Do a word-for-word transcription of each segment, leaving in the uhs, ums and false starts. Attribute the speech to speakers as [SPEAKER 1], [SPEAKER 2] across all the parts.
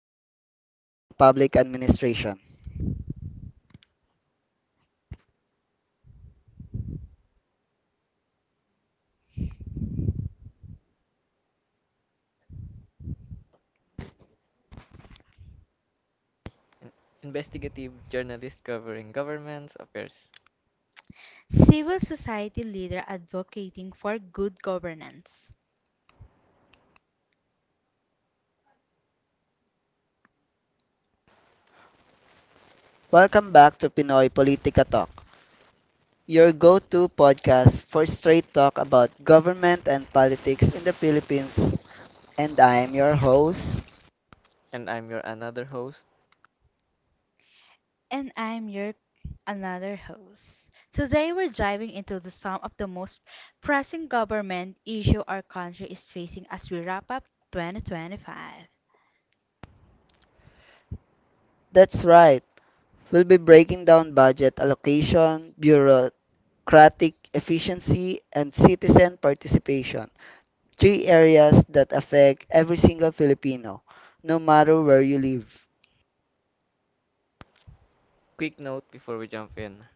[SPEAKER 1] that focuses on public administration.
[SPEAKER 2] Investigative journalist covering governments affairs.
[SPEAKER 3] Civil society leader advocating for good governance.
[SPEAKER 1] Welcome back to Pinoy Politica Talk, your go to podcast for straight talk about government and politics in the Philippines. And I am your host.
[SPEAKER 2] And I'm your another host.
[SPEAKER 3] And I'm your another host. So today we're diving into the some of the most pressing government issue our country is facing as we wrap up twenty twenty-five.
[SPEAKER 1] That's right, we'll be breaking down budget allocation, bureaucratic efficiency, and citizen participation. Three areas that affect every single Filipino, no matter where you live.
[SPEAKER 2] Quick note before we jump in,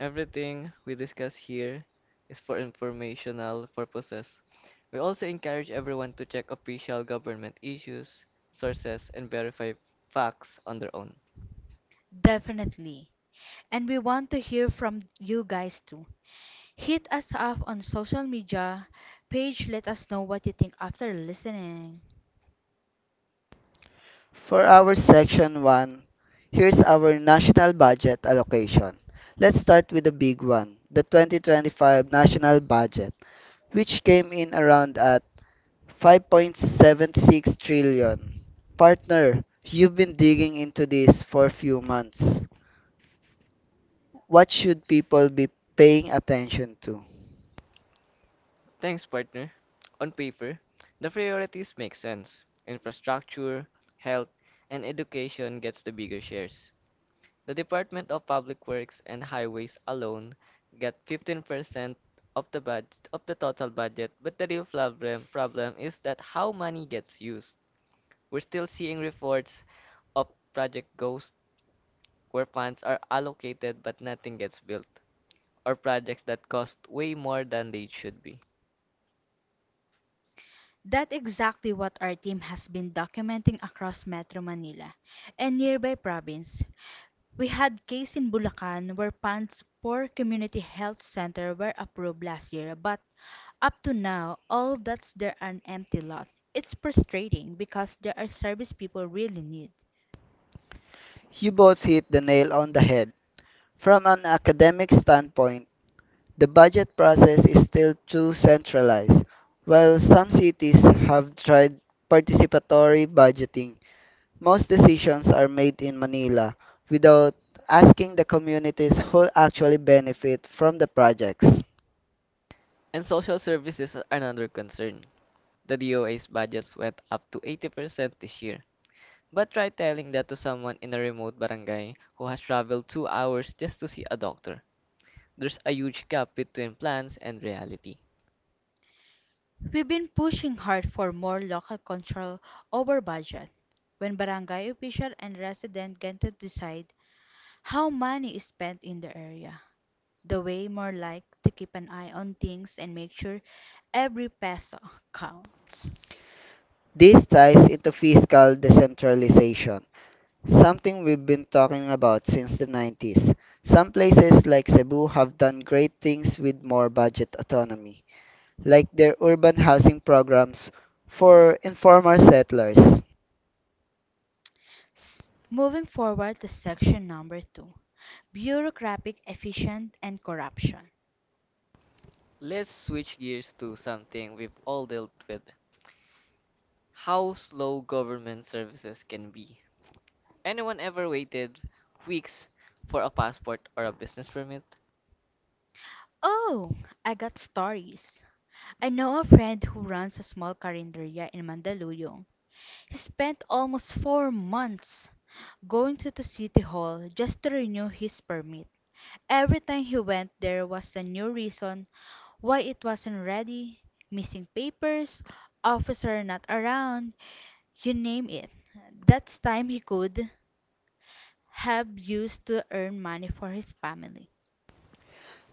[SPEAKER 2] everything we discuss here is for informational purposes. We also encourage everyone to check official government issues, sources, and verify facts on their own.
[SPEAKER 3] Definitely. And we want to hear from you guys too. Hit us up on social media page. Let us know what you think after listening.
[SPEAKER 1] For our section one, here's our national budget allocation. Let's start with the big one, the twenty twenty-five national budget, which came in around at five point seven six trillion. Partner, you've been digging into this for a few months. What should people be paying attention to?
[SPEAKER 2] Thanks, partner. On paper, the priorities make sense. Infrastructure, health, and education gets the bigger shares. The Department of Public Works and Highways alone get fifteen percent of the budget of the total budget, but the real problem problem is that how money gets used. We're still seeing reports of project ghosts where funds are allocated but nothing gets built, or projects that cost way more than they should be.
[SPEAKER 3] That's exactly what our team has been documenting across Metro Manila and nearby province. We had case in Bulacan where PAN's poor community health center were approved last year, but up to now, all that's there are an empty lot. It's frustrating because there are service people really need.
[SPEAKER 1] You both hit the nail on the head. From an academic standpoint, the budget process is still too centralized. While some cities have tried participatory budgeting, most decisions are made in Manila without asking the communities who actually benefit from the projects.
[SPEAKER 2] And social services are another concern. The D O A's budgets went up to eighty percent this year, but try telling that to someone in a remote barangay who has traveled two hours just to see a doctor. There's a huge gap between plans and reality.
[SPEAKER 3] We've been pushing hard for more local control over budget. When barangay official and resident get to decide how money is spent in the area. The way more like to keep an eye on things and make sure every peso counts.
[SPEAKER 1] This ties into fiscal decentralization, something we've been talking about since the nineties. Some places like Cebu have done great things with more budget autonomy, like their urban housing programs for informal settlers.
[SPEAKER 3] S- Moving forward to section number two, bureaucratic efficient and corruption.
[SPEAKER 2] Let's switch gears to something we've all dealt with, how slow government services can be. Anyone ever waited weeks for a passport or a business permit?
[SPEAKER 3] Oh, I got stories. I know a friend who runs a small carinderia in Mandaluyong. He spent almost four months going to the city hall just to renew his permit. Every time he went there was a new reason why it wasn't ready, missing papers, officer not around, you name it. That's time he could have used to earn money for his family.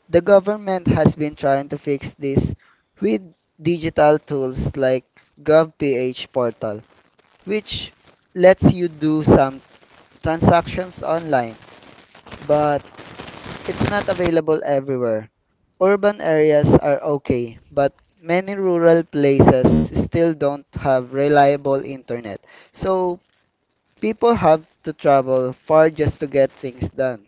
[SPEAKER 1] The government has been trying to fix this with digital tools like GovPH portal, which lets you do some transactions online, but it's not available everywhere. Urban areas are okay, but many rural places still don't have reliable internet. So people have to travel far just to get things done.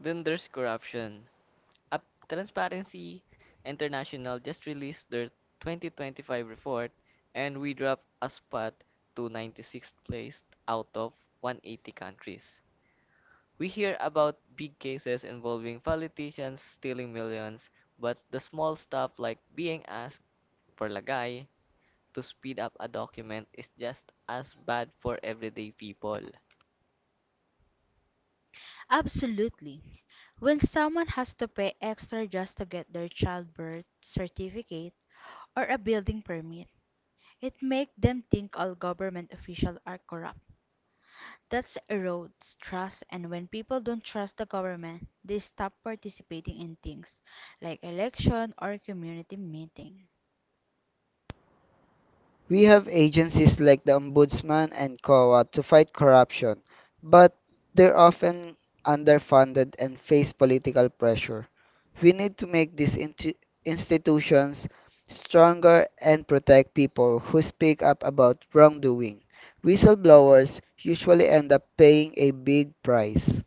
[SPEAKER 2] Then there's corruption. Up Transparency International just released their twenty twenty-five report, and we dropped a spot to ninety-sixth place out of one hundred eighty countries. We hear about big cases involving politicians stealing millions, but the small stuff like being asked for lagay to speed up a document is just as bad for everyday people.
[SPEAKER 3] Absolutely. When someone has to pay extra just to get their childbirth certificate or a building permit, it makes them think all government officials are corrupt. That erodes trust, and when people don't trust the government, they stop participating in things like election or community meeting.
[SPEAKER 1] We have agencies like the Ombudsman and C O A to fight corruption, but they're often underfunded and face political pressure. We need to make these intu- institutions stronger and protect people who speak up about wrongdoing. Whistleblowers usually end up paying a big price.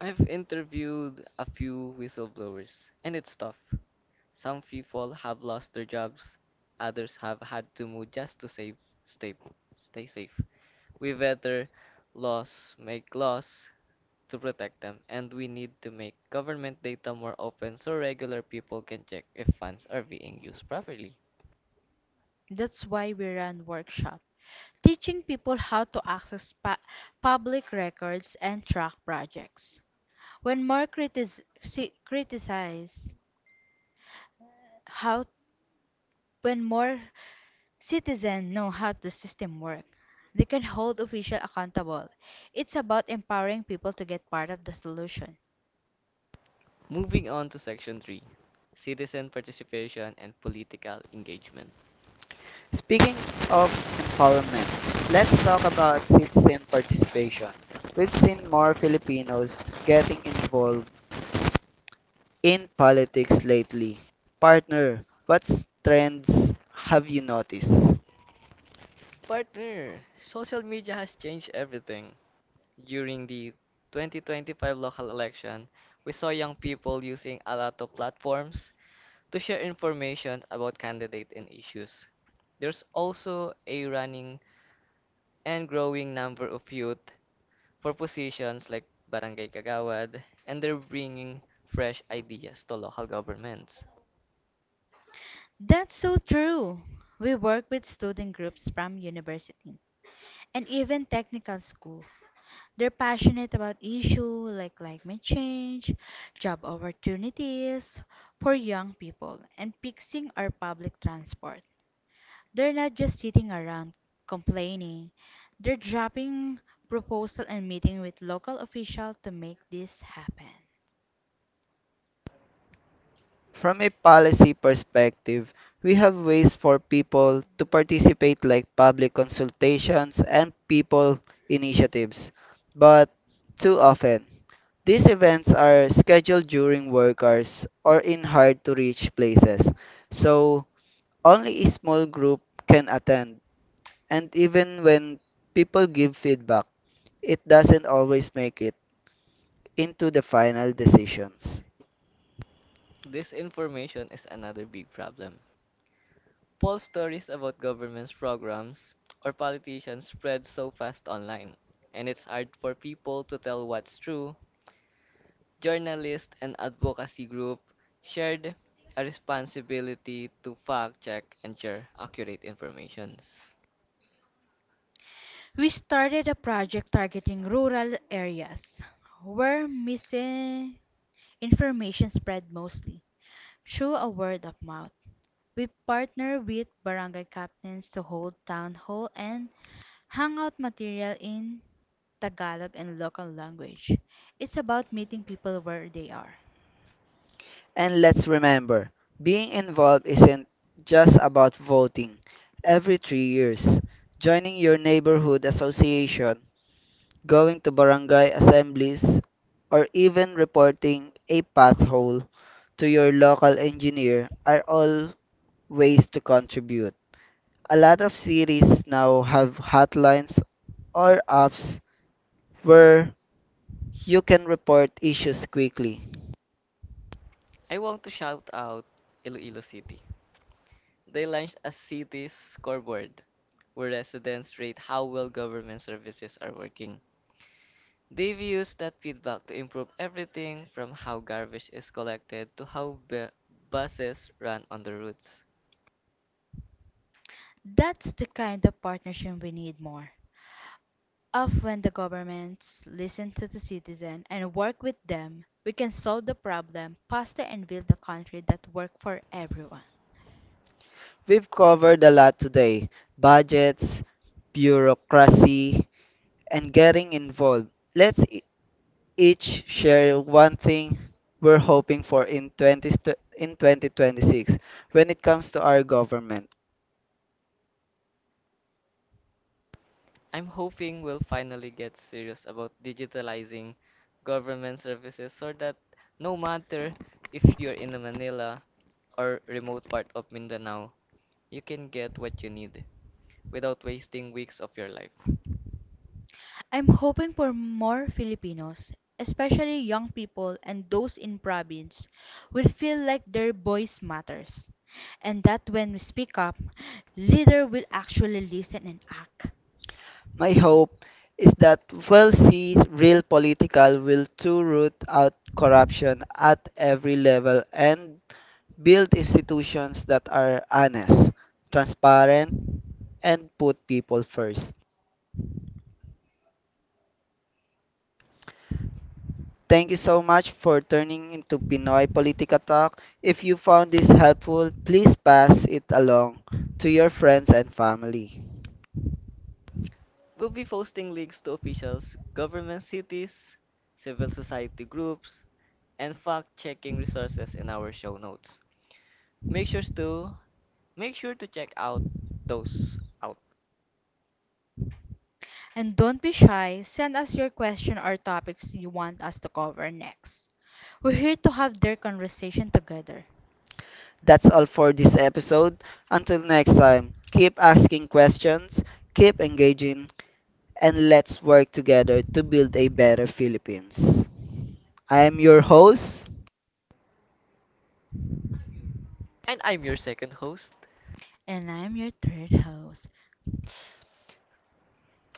[SPEAKER 2] I've interviewed a few whistleblowers, and it's tough. Some people have lost their jobs, others have had to move just to save, stay, stay safe. We better laws make laws to protect them, and we need to make government data more open so regular people can check if funds are being used properly.
[SPEAKER 3] That's why we run workshops, teaching people how to access pa- public records and track projects. When more critis- ci- criticize how when more citizens know how the system works, they can hold officials accountable. It's about empowering people to get part of the solution.
[SPEAKER 2] Moving on to section three, Citizen Participation and Political Engagement.
[SPEAKER 1] Speaking of empowerment, let's talk about citizen participation. We've seen more Filipinos getting involved in politics lately. Partner, what trends have you noticed?
[SPEAKER 2] Partner, social media has changed everything. During the twenty twenty-five local election, we saw young people using a lot of platforms to share information about candidates and issues. There's also a running and growing number of youth for positions like Barangay Kagawad, and they're bringing fresh ideas to local governments.
[SPEAKER 3] That's so true. We work with student groups from university and even technical school. They're passionate about issues like climate change, job opportunities for young people, and fixing our public transport. They're not just sitting around complaining. They're dropping proposal and meeting with local officials to make this happen.
[SPEAKER 1] From a policy perspective, we have ways for people to participate like public consultations and people initiatives. But too often, these events are scheduled during work hours or in hard to reach places. So only a small group can attend. And even when people give feedback, it doesn't always make it into the final decisions.
[SPEAKER 2] This information is another big problem. False stories about government's programs or politicians spread so fast online, and it's hard for people to tell what's true. Journalists and advocacy group shared a responsibility to fact check and share accurate information.
[SPEAKER 3] We started a project targeting rural areas where missing information spread mostly through a word of mouth. We partner with barangay captains to hold town hall and hangout material in Tagalog and local language. It's about meeting people where they are.
[SPEAKER 1] And let's remember, being involved isn't just about voting every three years, joining your neighborhood association, going to barangay assemblies, or even reporting a pothole to your local engineer are all ways to contribute. A lot of cities now have hotlines or apps where you can report issues quickly.
[SPEAKER 2] I want to shout out Iloilo City. They launched a city scoreboard where residents rate how well government services are working. They've used that feedback to improve everything from how garbage is collected to how bu- buses run on the routes.
[SPEAKER 3] That's the kind of partnership we need more of. When the governments listen to the citizen and work with them, we can solve the problem faster and build a country that works for everyone.
[SPEAKER 1] We've covered a lot today: budgets, bureaucracy, and getting involved. Let's e- each share one thing we're hoping for in, 20, st- in twenty twenty-six when it comes to our government.
[SPEAKER 2] I'm hoping we'll finally get serious about digitalizing government services so that no matter if you're in a Manila or remote part of Mindanao, you can get what you need without wasting weeks of your life.
[SPEAKER 3] I'm hoping for more Filipinos, especially young people and those in province, will feel like their voice matters, and that when we speak up, leader will actually listen and act.
[SPEAKER 1] My hope is that we'll see real political will to root out corruption at every level and build institutions that are honest, transparent, and put people first. Thank you so much for turning into Pinoy Politica Talk. If you found this helpful, please pass it along to your friends and family.
[SPEAKER 2] We'll be posting links to officials, government cities, civil society groups, and fact-checking resources in our show notes. Make sure to Make sure to check out those out.
[SPEAKER 3] And don't be shy, send us your question or topics you want us to cover next. We're here to have their conversation together.
[SPEAKER 1] That's all for this episode. Until next time, keep asking questions, keep engaging, and let's work together to build a better Philippines. I am your host.
[SPEAKER 2] And I'm your second host,
[SPEAKER 3] And I'm your third host,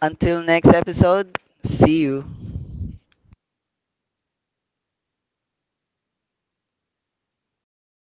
[SPEAKER 1] Until next episode, see you.